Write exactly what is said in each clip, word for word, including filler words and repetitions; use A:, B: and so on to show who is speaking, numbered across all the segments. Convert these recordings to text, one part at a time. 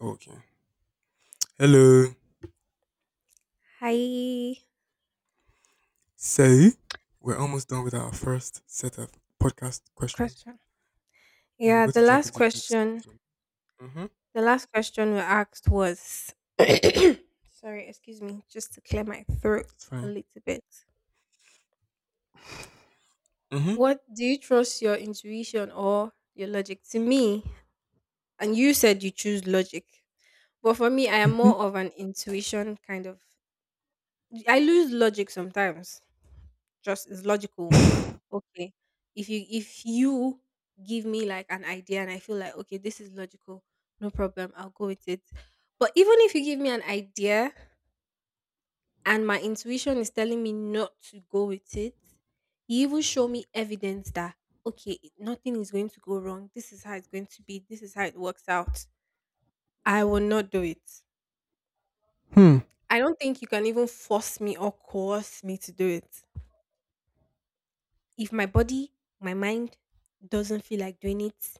A: Okay. Hello.
B: Hi.
A: So, we're almost done with our first set of podcast questions.
B: Question.
A: And we're
B: Yeah,
A: going
B: the
A: to jump
B: last
A: into the next
B: question.
A: one. Mm-hmm.
B: The last question we asked was sorry, excuse me, just to clear my throat
A: It's
B: a
A: fine.
B: little bit.
A: Mm-hmm.
B: What do you trust your intuition or your logic? To me, and you said you choose logic. But for me, I am more of an intuition kind of I lose logic sometimes. Just is logical.
A: Mm-hmm.
B: Okay, if you if you give me like an idea and I feel like, okay, this is logical, no problem, I'll go with it. But even if you give me an idea and my intuition is telling me not to go with it, you even show me evidence that, okay, it- nothing is going to go wrong, this is how it's going to be, this is how it works out, I will not do it.
A: Hmm.
B: I don't think you can even force me or coerce me to do it if my body, my mind doesn't feel like doing it.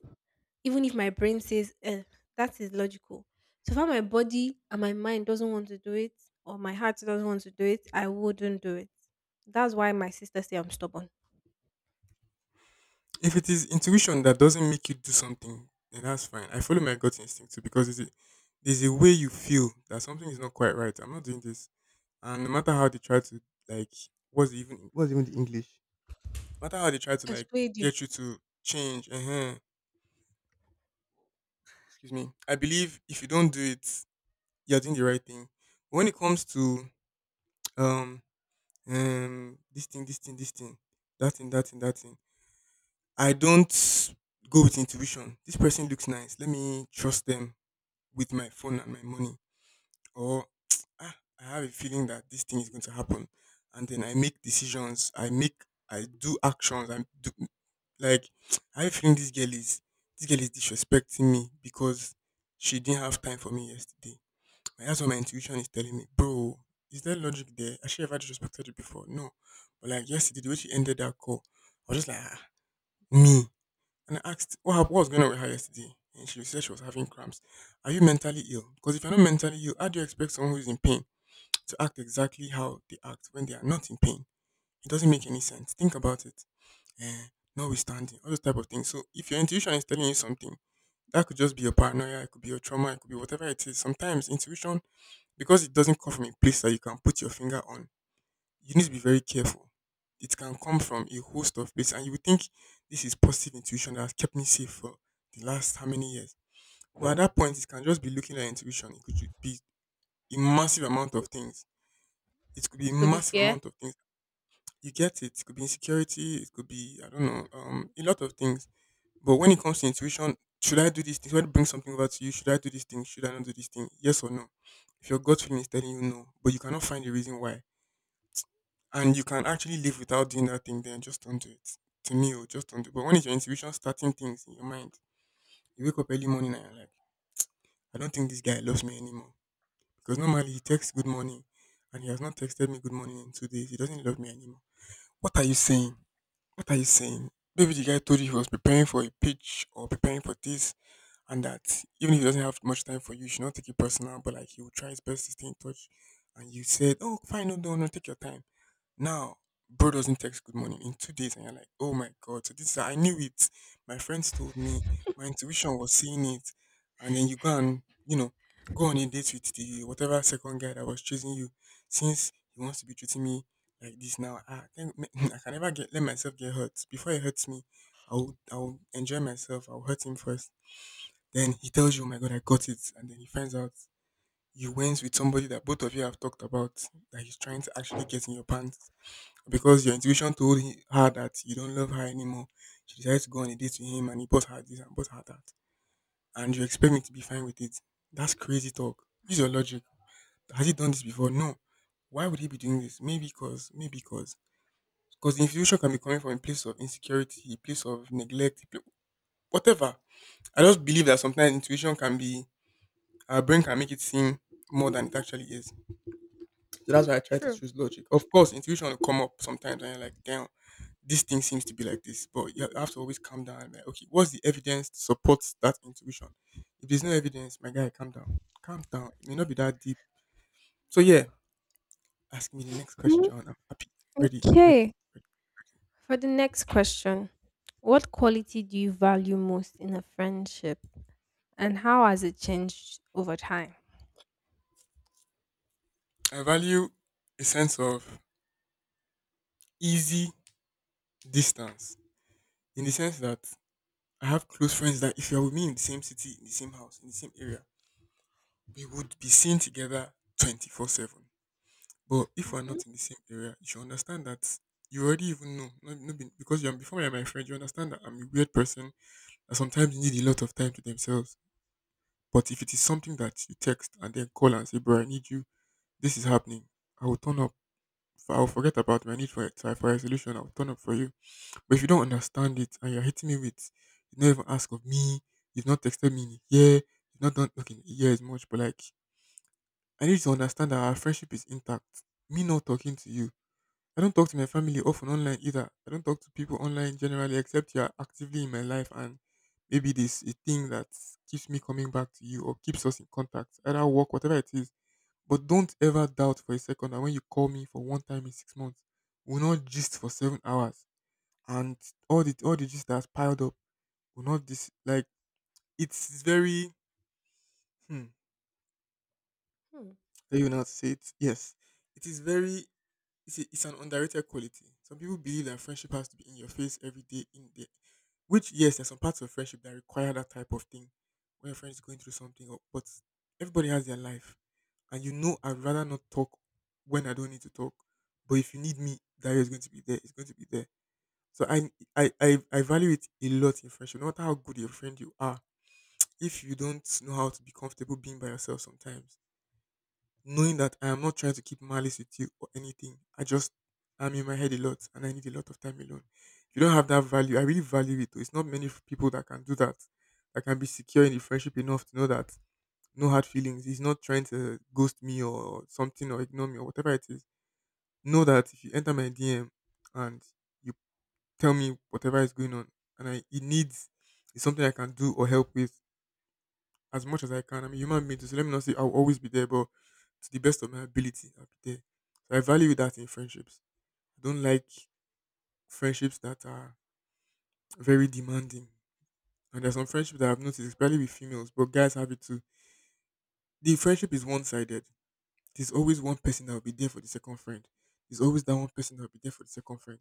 B: Even if my brain says eh, that is logical, so far my body and my mind doesn't want to do it, or my heart doesn't want to do it, I wouldn't do it. That's why my sister say I'm stubborn.
A: If it is intuition that doesn't make you do something, then that's fine. I follow my gut instinct too because it's a, there's a way you feel that something is not quite right. I'm not doing this. And no matter how they try to, like, what's even, what's even the English? No matter how they try to, like,
B: Persuade you.
A: get you to change, uh-huh. Excuse me, I believe if you don't do it, you're doing the right thing. When it comes to um um this thing, this thing, this thing, that thing, that thing, that thing, I don't go with intuition. This person looks nice. Let me trust them with my phone and my money. Or ah, I have a feeling that this thing is going to happen, and then I make decisions. I make I do actions. I do like I have a feeling this girl is this girl is disrespecting me because she didn't have time for me yesterday. Like, that's what my intuition is telling me, bro. Is there logic there? I should have had just you before. No, but like yesterday, the way she ended that call, I was just like, ah, me. And I asked, what, hap- what was going on with her yesterday? And she said she was having cramps. Are you mentally ill? Because if you're not mentally ill, how do you expect someone who is in pain to act exactly how they act when they are not in pain? It doesn't make any sense. Think about it. Eh, notwithstanding, all those type of things. So if your intuition is telling you something, that could just be your paranoia, it could be your trauma, it could be whatever it is. Sometimes intuition, because it doesn't come from a place that you can put your finger on, you need to be very careful. It can come from a host of places, and you would think this is positive intuition that has kept me safe for the last how many years. But at that point, it can just be looking at intuition. It could ju- be a massive amount of things. It could be a
B: It could be
A: massive
B: fair.
A: amount of things. You get it. It could be insecurity. It could be I don't know, um, a lot of things. But when it comes to intuition, should I do this thing? Should I bring something over to you? Should I do this thing? Should I not do this thing? Yes or no? If your gut feeling is telling you no, but you cannot find a reason why, and you can actually live without doing that thing, then just don't do it. To me, oh, just don't do. it. But when it's your intuition starting things in your mind, you wake up early morning and you're like, I don't think this guy loves me anymore because normally he texts good morning, and he has not texted me good morning in two days. He doesn't love me anymore. What are you saying? What are you saying? Maybe the guy told you he was preparing for a pitch or preparing for this and that. Even if he doesn't have much time for you, you should not take it personal. But like, he will try his best to stay in touch, and you said, "Oh, fine, no, no, no, take your time." Now, bro doesn't text good morning in two days, and you're like, oh my god, so this is, I knew it. My friends told me, my intuition was seeing it, and then you go and, you know, go on a date with the whatever second guy that was chasing you, since he wants to be treating me like this now. I think I can never get let myself get hurt. Before he hurts me, I will I will enjoy myself. I'll hurt him first. Then he tells you, oh my god, I got it, and then he finds out you went with somebody that both of you have talked about, that he's trying to actually get in your pants because your intuition told he- her that you don't love her anymore. She decided to go on a date with him, and he bought her this and bought her that. And you expect me to be fine with it. That's crazy talk. Use your logic. Has he done this before? No. Why would he be doing this? Maybe because, maybe because. Because the intuition can be coming from a place of insecurity, a place of neglect, a pla- whatever. I just believe that sometimes intuition can be, our brain can make it seem more than it actually is. So that's why I try to
B: True.
A: choose logic. Of course, intuition will come up sometimes and you're like, damn, this thing seems to be like this, but you have to always calm down. and like, okay, what's the evidence to support that intuition? If there's no evidence, my guy, calm down. Calm down. It may not be that deep. So yeah, ask me the next
B: Mhm.
A: question. I'm happy, ready, I'm ready,
B: Okay. For the next question, what quality do you value most in a friendship, and how has it changed over time?
A: ready. I value a sense of easy distance, in the sense that I have close friends that if you're with me in the same city, in the same house, in the same area, we would be seen together twenty four seven. But if we're
B: Hmm.
A: not in the same area, you should understand that you already even know. No, no, be- because you're before you're my friend, you understand that I'm a weird person that sometimes need a lot of time to themselves. But if it is something that you text and then call and say, "Bro, I need you, this is happening," I will turn up. For, I'll forget about my need for it, for a solution. I'll turn up for you. But if you don't understand it, and you're hitting me with, you don't even ask of me, you've not texted me in a year, you've not done okay, in a year is much, but like, I need you to understand that our friendship is intact. Me not talking to you, I don't talk to my family often online either. I don't talk to people online generally, except you are actively in my life and maybe this a thing that keeps me coming back to you or keeps us in contact, either work, whatever it is. But don't ever doubt for a second that when you call me for one time in six months, we'll not gist for seven hours. And all the all the gist that's piled up will not this, like, it's very hmm,
B: Hmm.
A: very know how to say it. Yes. It is very it's, a, it's an underrated quality. Some people believe that friendship has to be in your face every day, in the, which yes, there's some parts of friendship that require that type of thing, when your friend is going through something. Or, but everybody has their life, and you know, I'd rather not talk when I don't need to talk. But if you need me, Dario is going to be there. It's going to be there. So I I I, I value it a lot in friendship. No matter how good your friend you are, if you don't know how to be comfortable being by yourself sometimes, knowing that I am not trying to keep malice with you or anything, I just, I'm in my head a lot and I need a lot of time alone. You don't have that value, I really value it, though. It's not many f- people that can do that. That can be secure in the friendship enough to know that no hard feelings. He's not trying to ghost me or something, or ignore me or whatever it is. Know that if you enter my D M and you tell me whatever is going on, and I it needs it's something I can do or help with as much as I can. I'm a human being, too, so let me not say I'll always be there, but to the best of my ability, I'll be there. So I value that in friendships. I don't like friendships that are very demanding. And there's some friendships that I've noticed, especially with females, but guys have it too. The friendship is one sided. There's always one person that will be there for the second friend. There's always that one person that will be there for the second friend.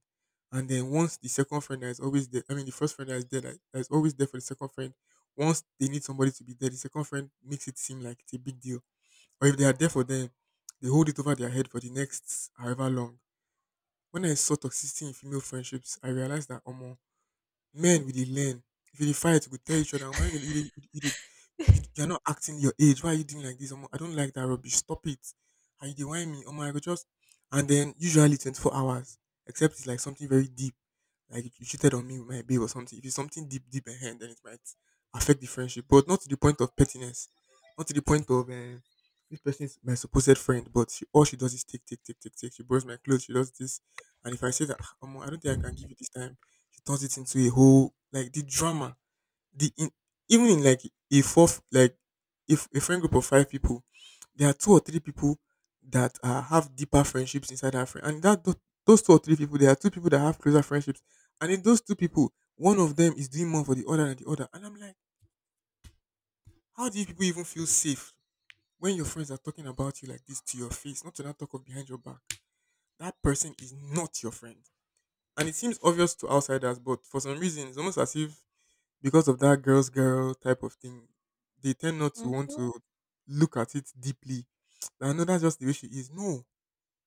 A: And then once the second friend that is always there, I mean, the first friend that is there, that that is always there for the second friend, once they need somebody to be there, the second friend makes it seem like it's a big deal or if they are there for them, they hold it over their head for the next however long. When I saw toxicity in female friendships, I realized that, omo, men we dey learn. If you dey fight, you go tell each other, "Omo, why you dey you dey you dey you you're not acting your age. Why are you doing like this? Omo, I don't like that rubbish. Stop it. And you dey whine me." Omo, I go just and then usually twenty four hours, except it's like something very deep, like you cheated on me with my babe or something. If it's something deep, deep ahead, then it might affect the friendship, but not to the point of pettiness, not to the point of uh, this person is my supposed friend, but she, all she does is take, take, take, take, take. She borrows my clothes. She does this, and if I say that, "Ah, omo, I don't think I can give you this time." She turns it into a whole like the drama. The in, even in like a fourth like if a friend group of five people, there are two or three people that uh, have deeper friendships inside our friend, and that tho- those two or three people, there are two people that have closer friendships, and in those two people, one of them is doing more for the other than the other, and I'm like, how do you people even feel safe when your friends are talking about you like this to your face, not to not talk of behind your back? That person is not your friend, and it seems obvious to outsiders, but for some reason, it's almost as if because of that girl's girl type of thing, they tend not to want to look at it deeply. I know that's just the way she is. No,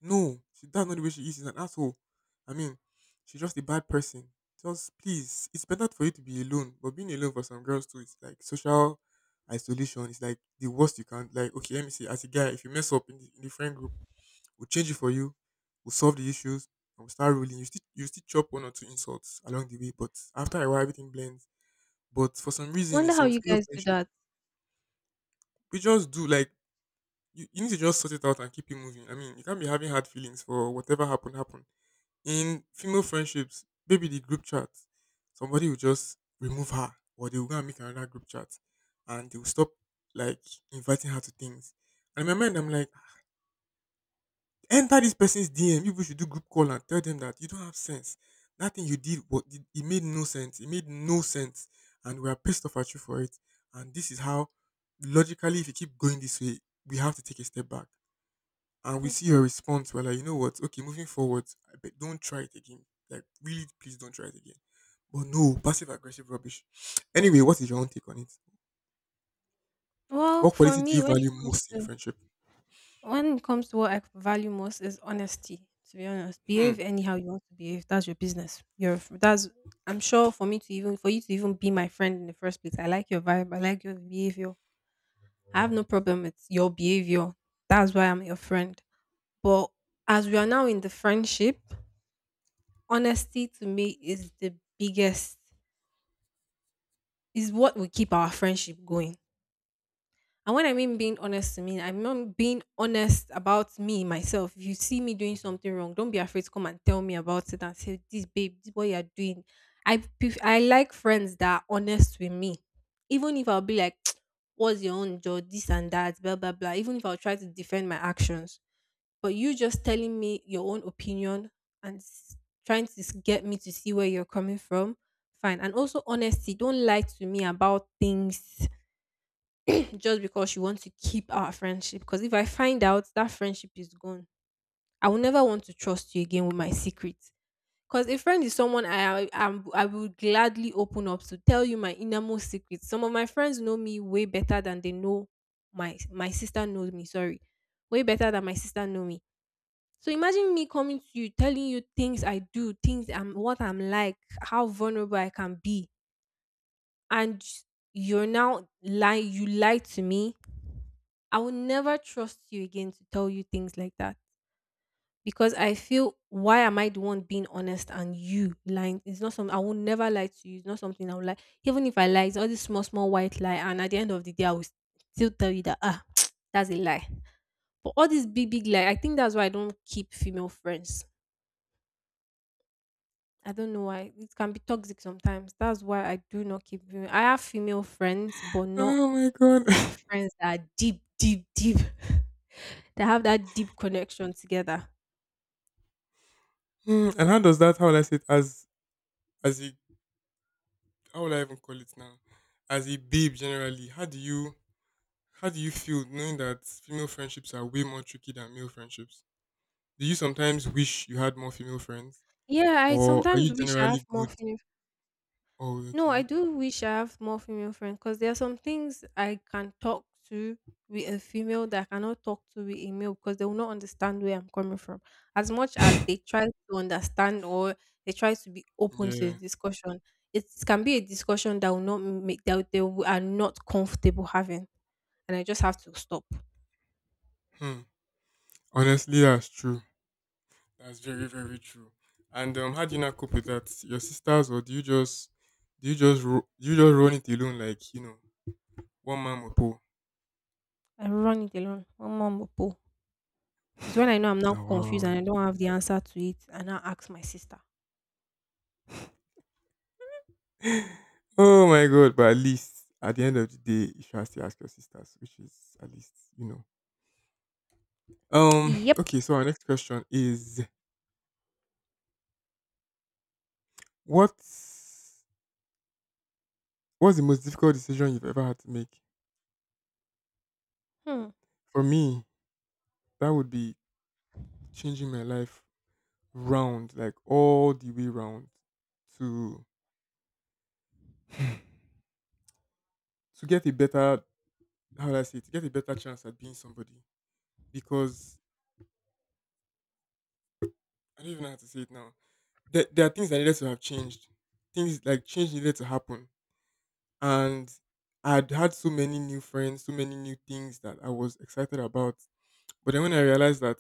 A: no, she, that's not the way she is. She's an asshole. I mean, she's just a bad person. Just please, it's better for you to be alone. But being alone for some girls too, it's like social isolation. It's like the worst you can. Like, okay, let me see. As a guy, if you mess up in the, in the friend group, we'll change it for you. We'll solve the issues. And we'll start ruling. You still, you still chop one or two insults along the way, but after a while, everything blends but for some
B: I
A: reason, in
B: wonder how
A: some
B: you
A: female
B: guys do
A: friendship,
B: that.
A: we just do like you, you need to just sort it out and keep it moving. I mean, you can't be having hard feelings for whatever happened happened. In female friendships, maybe the group chat, somebody will just remove her, or they will go and make another group chat, and they will stop like inviting her to things. And in my mind, I'm like, enter this person's D M. You people should do group call and tell them that you don't have sense. That thing you did, what it it made no sense. It made no sense, and we are pissed off at you for it. And this is how, logically, if you keep going this way, we have to take a step back. And we see your
B: Mhm.
A: response. We're like, you know what? Okay, moving forward, I bet don't try it again. Like, really, please don't try it again. But no, passive aggressive rubbish. Anyway, what is your own take on it?
B: Well,
A: What
B: for
A: quality do you
B: me, when it
A: value
B: comes
A: most in a
B: to
A: friendship?
B: When it comes to what I value most is honesty. To be honest,
A: Hmm.
B: behave anyhow you want to behave. That's your business. Your f- that's. I'm sure, for me to even for you to even be my friend in the first place. I like your vibe. I like your behavior. I have no problem with your behavior. That's why I'm your friend. But as we are now in the friendship, honesty to me is the biggest. Is what will keep our friendship going. And when I mean being honest to me, I mean being honest about me myself. If you see me doing something wrong, don't be afraid to come and tell me about it and say, "This babe, this is what you are doing." I pref- I like friends that are honest with me, even if I'll be like, "What's your own job? This and that, blah blah blah." Even if I'll try to defend my actions, but you just telling me your own opinion and s- trying to s- get me to see where you're coming from, fine. And also honesty. Don't lie to me about things just because you want to keep our friendship. Because if I find out that friendship is gone, I will never want to trust you again with my secrets. Because a friend is someone I am I, will gladly open up to tell you my innermost secrets. Some of my friends know me way better than they know my my sister knows me. Sorry, way better than my sister know me. So imagine me coming to you, telling you things I do, things I'm what I'm like, how vulnerable I can be, and you're now lying. You lied to me. I will never trust you again to tell you things like that, because I feel, why am I the one being honest and you lying? It's not something I will never lie to you. It's not something I will lie. Even if I lie, it's all this small, small white lie, and at the end of the day, I will s- still tell you that ah, that's a lie. But all this big, big lie, I think that's why I don't keep female friends. I don't know why it can be toxic sometimes. That's why I do not keep. Female. I have female friends, but not
A: Oh my
B: like
A: god.
B: friends that are deep, deep, deep. They have that deep connection together.
A: Hmm, and how does that? How will I say it? As as a, how would I even call it now? As a babe generally, how do you how do you feel knowing that female friendships are way more tricky than male friendships? Do you sometimes wish you had more female friends?
B: Yeah, I
A: Or are
B: sometimes
A: you
B: wish I
A: generally
B: have more
A: good?
B: female.
A: Oh,
B: No, I
A: okay.
B: do wish I have more female friends because there are some things I can talk to with a female that I cannot talk to with a male because they will not understand where I'm coming from. As much as they try to understand, or they try to be open to the
A: Yeah.
B: discussion, it can be a discussion that will not make that they will- are not comfortable having, and I just have to stop.
A: Hmm. Honestly, that's true. That's very, very true. And um, how do you not cope with that? Your sisters, or do you just do you just ro- do you just run it alone like you know one man will pull?
B: I run it alone. Mama, mopo. It's when I know I'm now
A: Oh,
B: confused and
A: wow.
B: I don't have the answer to it, and I ask my sister.
A: Oh my god! But at least at the end of the day, you should still ask your sisters, which is at least you know. Um.
B: Yep.
A: Okay. So our next question is what's what's the most difficult decision you've ever had to make?
B: Hmm.
A: For me, that would be changing my life round, like all the way round, to to get a better, how do I say it, to get a better chance at being somebody. Because I don't even know how to say it now. There, there are things that needed to have changed. Things like change needed to happen and I'd had so many new friends, so many new things that I was excited about. But then when I realized that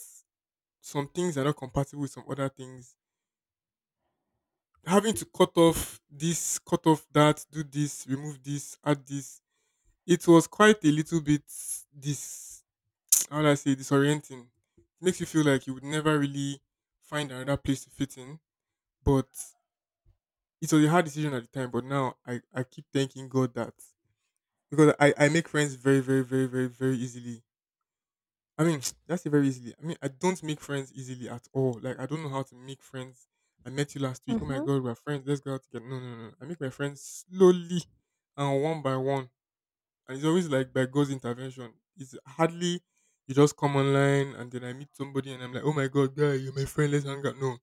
A: some things are not compatible with some other things, having to cut off this, cut off that, do this, remove this, add this, it was quite a little bit this, how would I say, disorienting. It makes you feel like you would never really find another place to fit in. But it was a hard decision at the time, but now I, I keep thanking God that because I, I make friends very, very, very, very, very easily. I mean, that's it, very easily. I mean, I don't make friends easily at all. Like, I don't know how to make friends. I met you last week. Oh my
B: Mhm.
A: God, we're friends. Let's go out together. No, no, no. no. I make my friends slowly and one by one. And it's always like by God's intervention. It's hardly you just come online and then I meet somebody and I'm like, oh my God, guy, you're my friend. Let's hang out. No.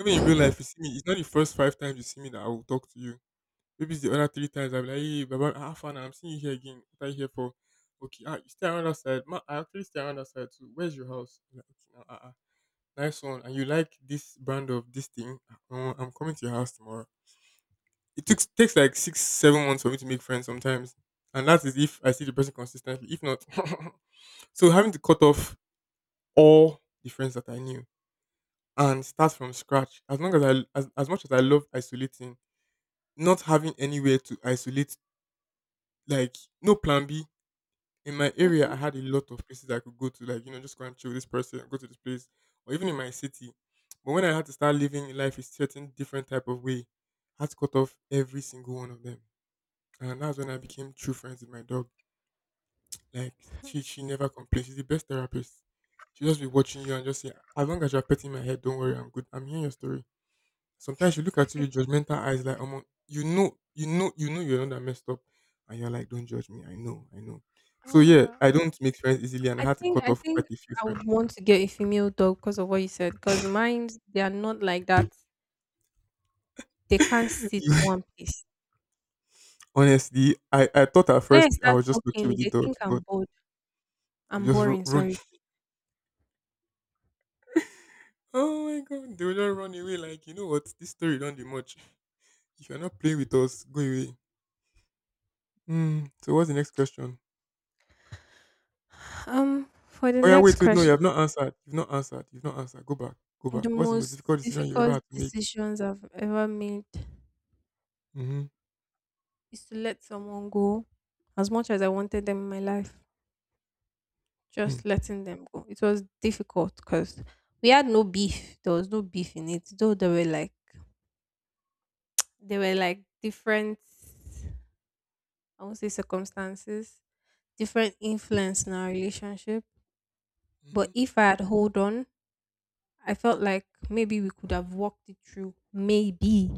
A: Even in real life, you see me. It's not the first five times you see me that I will talk to you. Maybe it's the other three times I'll be like, hey, Baba, have fun. I'm seeing you here again. What are you here for? Okay, ah, you stay around that side. Ma, I actually stay around that side too. Where's your house? I'm like, okay, now, ah, ah, nice one. And you like this brand of this thing? Uh, I'm coming to your house tomorrow. It took, takes like six, seven months for me to make friends sometimes. And that is if I see the person consistently. If not, so having to cut off all the friends that I knew and start from scratch. As long as I, as, as much as I love isolating, not having anywhere to isolate, like no plan B in my area, I
B: Mhm.
A: had a lot of places I could go to, like, you know, just go and chill with this person, go to this place, or even in my city. But when I had to start living life a certain different type of way, I had to cut off every single one of them. And that's when I became true friends with my dog. Like, she, she never complains. She's the best therapist. She'll just be watching you and just say, as long as you're petting my head, don't worry, I'm good. I'm hearing your story. Sometimes you look at you with judgmental eyes, like, um, you know, you know, you know, you're not that messed up, and you're like, don't judge me. I know, I know. So yeah,
B: Ah,
A: I don't make friends easily, and I
B: I
A: had to
B: think
A: cut
B: I
A: off quite
B: think
A: a few
B: I
A: friends.
B: would want to get a female dog because of what you said. Because mine, they are not like that. They can't sit
A: You-
B: one place.
A: honestly, I I thought at
B: When I
A: first I
B: start
A: was just looking with
B: talking,
A: the
B: they think
A: dogs,
B: I'm
A: but
B: bored.
A: they
B: I'm
A: just ru-
B: boring.
A: run.
B: Sorry.
A: Oh my god, they will just run away. Like you know what, this story don't do much. If you're not playing with us, go away. Hmm. So what's the next question?
B: Um, for the
A: Oh yeah,
B: next
A: wait, wait, no, you
B: question,
A: have not answered. You've not answered. You've not answered. Go back. Go back.
B: the
A: What's the most
B: most
A: difficult decision you ever
B: difficult
A: had to make?
B: decisions I've ever made
A: Mm-hmm.
B: is to let someone go. As much as I wanted them in my life,
A: Hmm.
B: just letting them go. It was difficult because we had no beef. There was no beef in it, though there were like there were like different I won't say circumstances, different influence in our relationship. But
A: Mhm.
B: if I had hold on, I felt like maybe we could have walked it through. Maybe.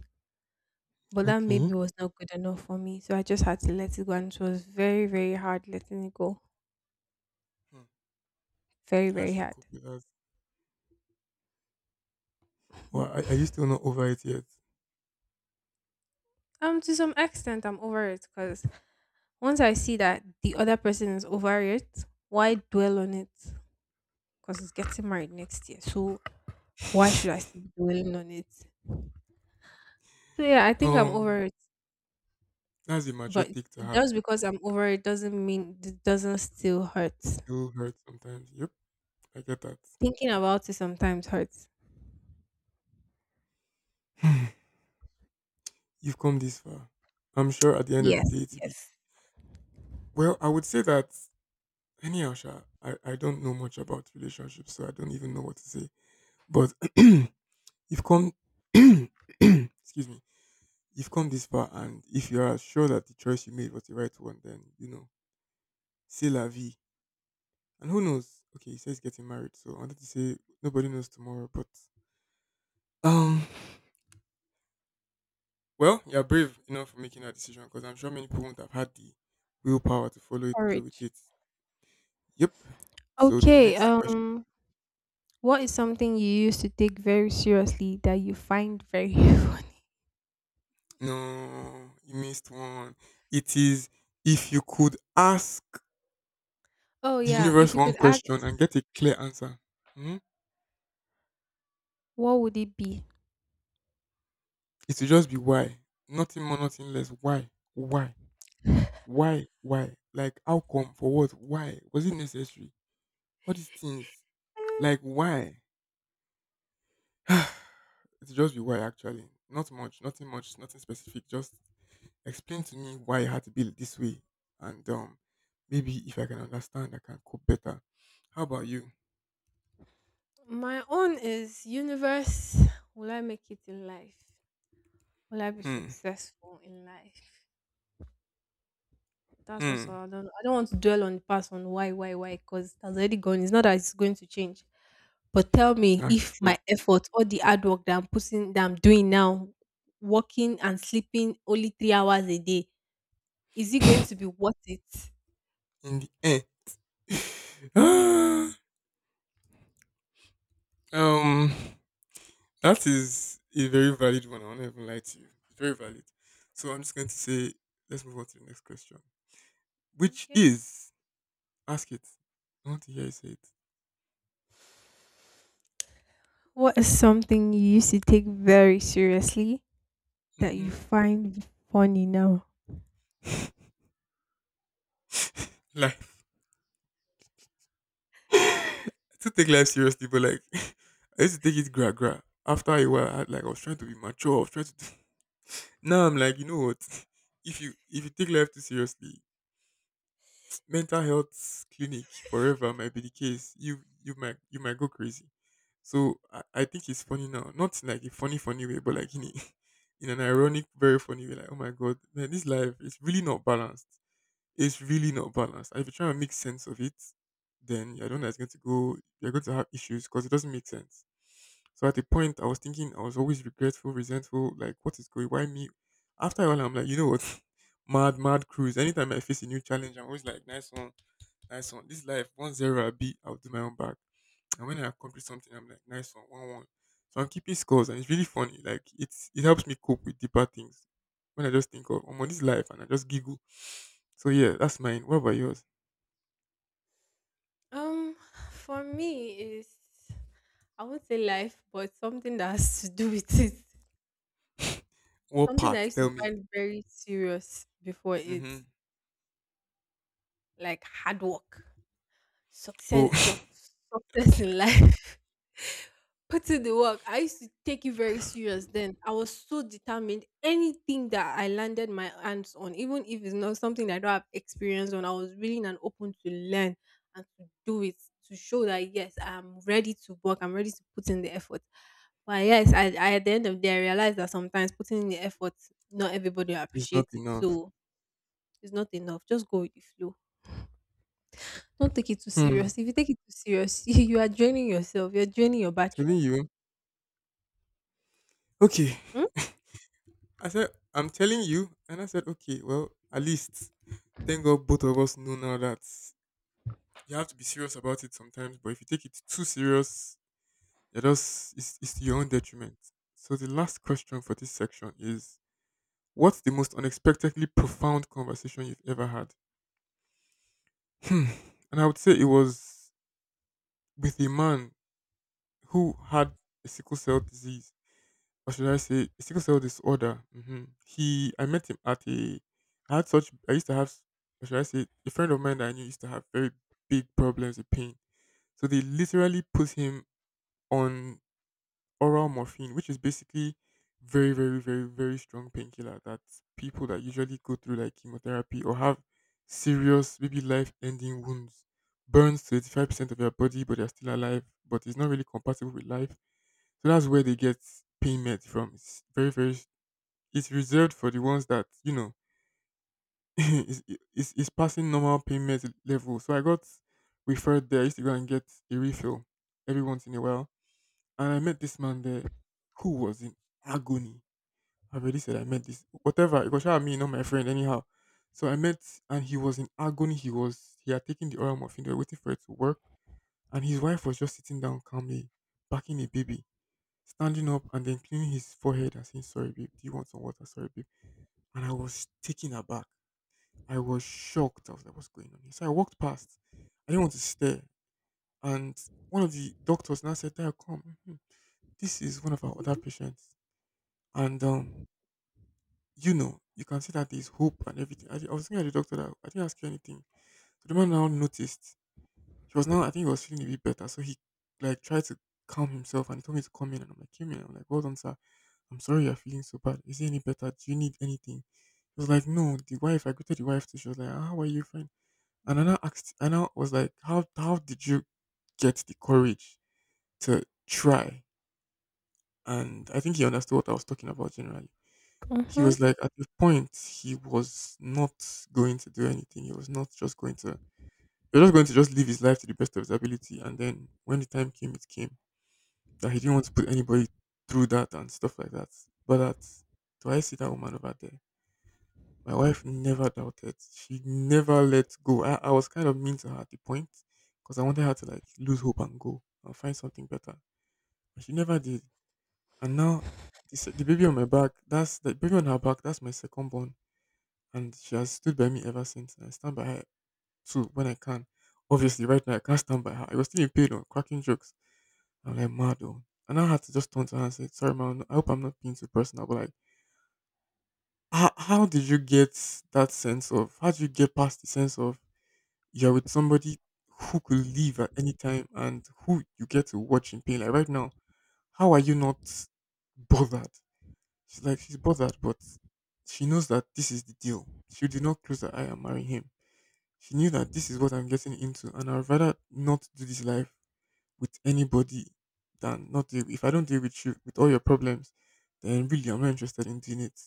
B: But that
A: Okay.
B: maybe was not good enough for me. So I just had to let it go. And it was very, very hard letting it go.
A: Hmm.
B: Very,
A: How
B: very
A: did you cope
B: hard.
A: with that? Well,
B: Mm.
A: are, are you still not over it yet?
B: Um, to some extent, I'm over it because once I see that the other person is over it, why dwell on it? Because it's getting married next year. So why should I still be dwelling on it? So yeah, I think I'm
A: Um,
B: over it,
A: that's a mature
B: but
A: take to have.
B: just because I'm over it doesn't mean it doesn't still hurt.
A: Still hurts sometimes. Yep, I get that.
B: Thinking about it sometimes hurts.
A: You've come this far. I'm sure at the end of the
B: Yes,
A: day to be,
B: yes.
A: well, I would say that anyhow, Sha, I, I don't know much about relationships, so I don't even know what to say. But you've come excuse me. You've come this far and if you are sure that the choice you made was the right one, then you know, c'est la vie. And who knows? Okay, he says getting married, so I wanted to say nobody knows tomorrow, but um, well, you're brave enough for making that decision because I'm sure many people won't have had the willpower to follow it through with
B: Courage.
A: it. Yep. So the
B: Okay.
A: next question.
B: Um, what is something you used to take very seriously that you find very funny?
A: No, you missed one. It is if you could ask
B: Oh
A: the
B: yeah,
A: universe
B: if you
A: one
B: could act,
A: question and get a clear answer. hmm,
B: what would it be?
A: It would just be why. Nothing more, nothing less. Why? Why? Why? Why? Like how come? For what? Why? Was it necessary? All these things. Like why? it's just be why actually. Not much, nothing much, nothing specific. Just explain to me why you had to be this way, and um, maybe if I can understand, I can cope better. How about you?
B: My own is universe. Will I make it in life? Will I be
A: Hmm,
B: successful in life? That's just all.
A: hmm.
B: I don't. I don't want to dwell on the past on why, why, why, because that's already gone. It's not that it's going to change. But tell me,
A: That's
B: if
A: true.
B: my effort, all the hard work that I'm putting, that I'm doing now, working and sleeping only three hours a day, is it going to be worth it?
A: In the end,
B: Yes.
A: Ah, um, that is a very valid one. I won't even lie to you. It's very valid. So I'm just going to say, let's move on to the next question, which
B: Okay.
A: is ask it. I want to hear you say it.
B: What is something you used to take very seriously that you
A: Mm-hmm.
B: find funny now?
A: like I still take life seriously, but like I used to take it gra gra. After a while, I, like I was trying to be mature. I was trying to. Do... Now I'm like, you know what? If you if you take life too seriously, mental health clinic forever might be the case. You you might you might go crazy. So I, I think it's funny now, not in like a funny funny way, but like in a, in an ironic, very funny way. Like oh my god, man, this life is really not balanced. It's really not balanced. And if you try and make sense of it, then you're the one that's going to go, you're going to have issues because it doesn't make sense. So at the point, I was thinking, I was always regretful, resentful, like, what is going. Why me? After a while, I'm like, you know what? Mad, mad cruise. Anytime I face a new challenge, I'm always like, nice one, nice one. This life, one zero, I'll be, I'll do my own back. And when I accomplish something, I'm like, nice one, one, one. So I'm keeping scores, and it's really funny. Like, it's it helps me cope with deeper things. When I just think of, I'm on this life, and I just giggle. So yeah, that's mine. What about yours?
B: Um, for me is, I won't say life, but something that has to do with it.
A: What
B: Something I
A: part?
B: used to
A: Tell me.
B: find very serious before is
A: Mm-hmm.
B: like hard work,
A: Oh,
B: success, suc- success in life. Put in the work. I used to take it very serious then. I was so determined. Anything that I landed my hands on, even if it's not something that I don't have experience on, I was willing and open to learn and to do it, to show that yes, I'm ready to work, I'm ready to put in the effort. But yes, i, I at the end of the day I realized that sometimes putting in the effort, not everybody will
A: it's not
B: appreciate it,
A: enough.
B: so it's not enough. Just go with the flow. Don't take it too
A: Hmm.
B: serious. If you take it too serious, you, you are draining yourself. You're draining your
A: Telling
B: battery.
A: you. Okay.
B: Hmm?
A: I said I'm telling you, and I said okay. Well, at least thank God both of us know now that you have to be serious about it sometimes. But if you take it too serious, you're just it's, it's to your own detriment. So the last question for this section is: what's the most unexpectedly profound conversation you've ever had? Hmm. And I would say it was with a man who had a sickle cell disease, or should I say, a sickle cell disorder. Hmm. He, I met him at a, I had such, I used to have, or should I say, a friend of mine that I knew used to have very big problems with pain. So they literally put him on oral morphine, which is basically very, very, very, very strong painkiller that people that usually go through like chemotherapy or have serious, maybe life-ending wounds, burns to eighty-five percent of their body, but they're still alive, but it's not really compatible with life, so that's where they get pain meds from. It's very, very, s- it's reserved for the ones that, you know, is is is passing normal pain meds level. So I got referred there. I used to go and get a refill every once in a while. And I met this man there who was in agony. I already said I met this, whatever, it was sure me, not my friend, anyhow. So I met, and he was in agony. He was, he had taken the oral morphine, they were waiting for it to work. And his wife was just sitting down calmly, backing a baby, standing up and then cleaning his forehead and saying, "Sorry, babe, do you want some water? Sorry, babe." And I was taken aback. I was shocked. I was like, "What's going on here?" So I walked past. I didn't want to stare. And one of the doctors now said, "Dad, come. Mhm. This is one of our other patients. And, um, you know, you can see that there's hope and everything." I, I was thinking at the doctor that I didn't ask you anything. So the man now noticed. He was now, I think he was feeling a bit better. So he, like, tried to calm himself and he told me to come in. And I'm like, came in. I'm like, "Well done, sir. I'm sorry you're feeling so bad. Is it any better? Do you need anything?" He was like, "No," the wife, I go to the wife too. She was like, "Ah, how are you fine?" And I now asked, I now was like, How how did you get the courage to try?" And I think he understood what I was talking about generally. He
B: Mm-hmm.
A: was like, at the point he was not going to do anything. He was not just going to, he was just going to just live his life to the best of his ability. And then when the time came, it came that he didn't want to put anybody through that and stuff like that. But that, do I see that woman over there? My wife never doubted. She never let go. I, I was kind of mean to her at the point because I wanted her to like lose hope and go and find something better. And she never did. And now the, se- the baby on my back, that's the baby on her back, that's my second born. And she has stood by me ever since. And I stand by her too when I can. Obviously, right now I can't stand by her. I was still in pain or cracking jokes. I'm like, mad though. And I had to just turn to her and say, "Sorry, man, I hope I'm not being too personal, but like, how, how did you get that sense of, how did you get past the sense of, you're with somebody who could leave at any time and who you get to watch in pain. Like right now, how are you not bothered?" She's like, she's bothered, but she knows that this is the deal. She did not close her eye and marry him. She knew that this is what I'm getting into, and I'd rather not do this life with anybody than not deal. If I don't deal with you with all your problems, then really I'm not interested in doing it.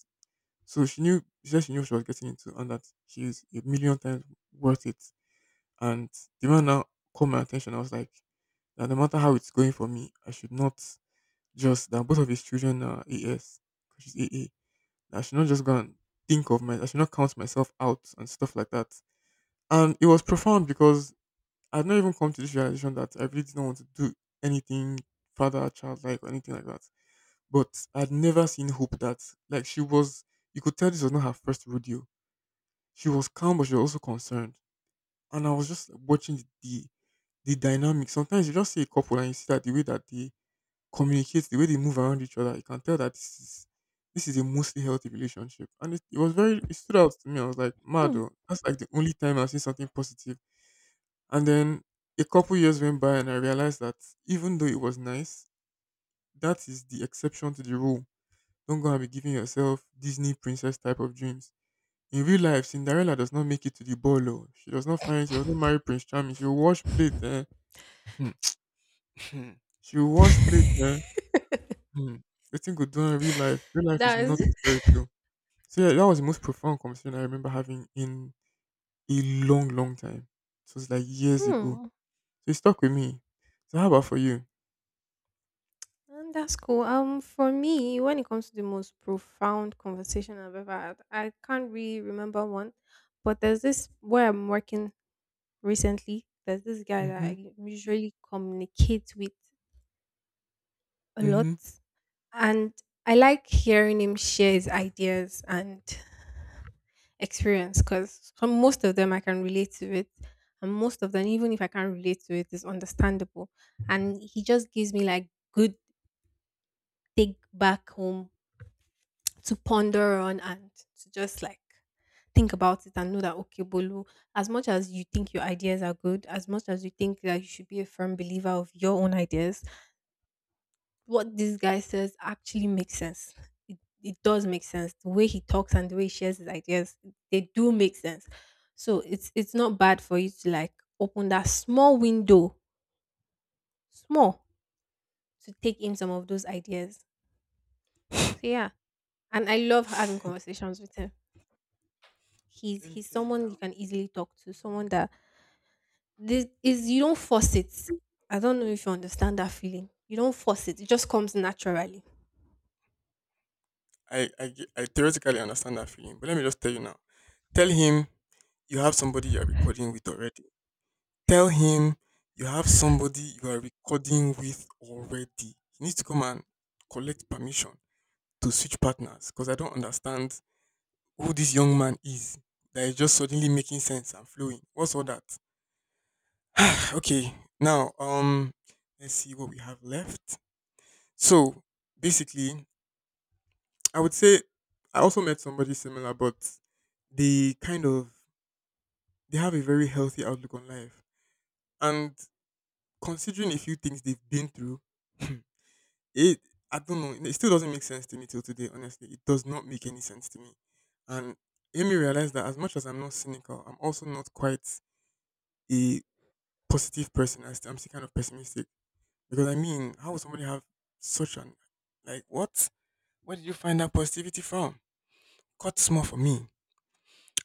A: So she knew, she said she knew what she was getting into, and that she's a million times worth it. And the man now caught my attention. I was like, that no matter how it's going for me, I should not, just that both of his children are A S because she's A A. That I should not just go and think of my, I should not count myself out and stuff like that. And it was profound because I'd not even come to this realization that I really didn't want to do anything father child like or anything like that. But I'd never seen hope that, like she was, you could tell this was not her first rodeo. She was calm but she was also concerned. And I was just watching the the dynamic. Sometimes you just see a couple and you see that the way that they communicate, the way they move around each other, you can tell that this is this is a mostly healthy relationship. And it, it was very, it stood out to me. I was like, mad oh, that's like the only time I've seen something positive. And then a couple years went by and I realized that even though it was nice, that is the exception to the rule. Don't go and be giving yourself Disney princess type of dreams. In real life, Cinderella does not make it to the ball. Oh. She does not find, she does not marry Prince Charming. She will wash plate. Eh? Hmm. Hmm. She will wash plate, eh? Hmm. The thing go do in real life? Real life is
B: That's
A: not a fairy tale. So yeah, that was the most profound conversation I remember having in a long, long time. So it's like years ago.
B: Hmm.
A: So it stuck with me. So how about for you?
B: And that's cool. Um, for me, when it comes to the most profound conversation I've ever had, I can't really remember one, but there's this where I'm working recently. There's this guy that
A: Mm-hmm.
B: I usually communicate with a lot,
A: Mm-hmm.
B: and I like hearing him share his ideas and experience because from most of them I can relate to it. And most of them, even if I can't relate to it, is understandable. And he just gives me like good take back home to ponder on and to just like think about it and know that okay, Bolu, as much as you think your ideas are good, as much as you think that you should be a firm believer of your own ideas, what this guy says actually makes sense. It, it does make sense. The way he talks and the way he shares his ideas, they do make sense. So it's it's not bad for you to like open that small window, small, to take in some of those ideas. So yeah, and I love having conversations with him. He's
A: Let me
B: he's
A: tell you
B: someone you
A: now.
B: can easily talk to, someone that this is you don't force it. I don't know if you understand that feeling. You don't force it; it just comes naturally.
A: I, I ge- I theoretically understand that feeling, but let me just tell you now. Tell him you have somebody you are recording with already. Tell him you have somebody you are recording with already. He needs to come and collect permission to switch partners because I don't understand who this young man is that is just suddenly making sense and flowing. What's all that? Okay, now um, let's see what we have left. So basically, I would say I also met somebody similar, but they kind of, they have a very healthy outlook on life and considering a few things they've been through. It, I don't know. It still doesn't make sense to me till today. Honestly, it does not make any sense to me, and it made me realize that as much as I'm not cynical, I'm also not quite a positive person. I st- I'm still kind of pessimistic because I mean, how would somebody have such an, like what? Where did you find that positivity from? Cut small for me.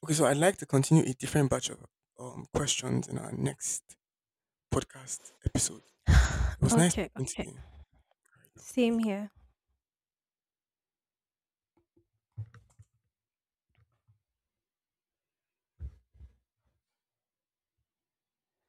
A: Okay, so I'd like to continue a different batch of um, questions in our next podcast episode. It was nice
B: Okay,
A: talking to
B: okay.
A: you. All right, now,
B: Same
A: bye.
B: here.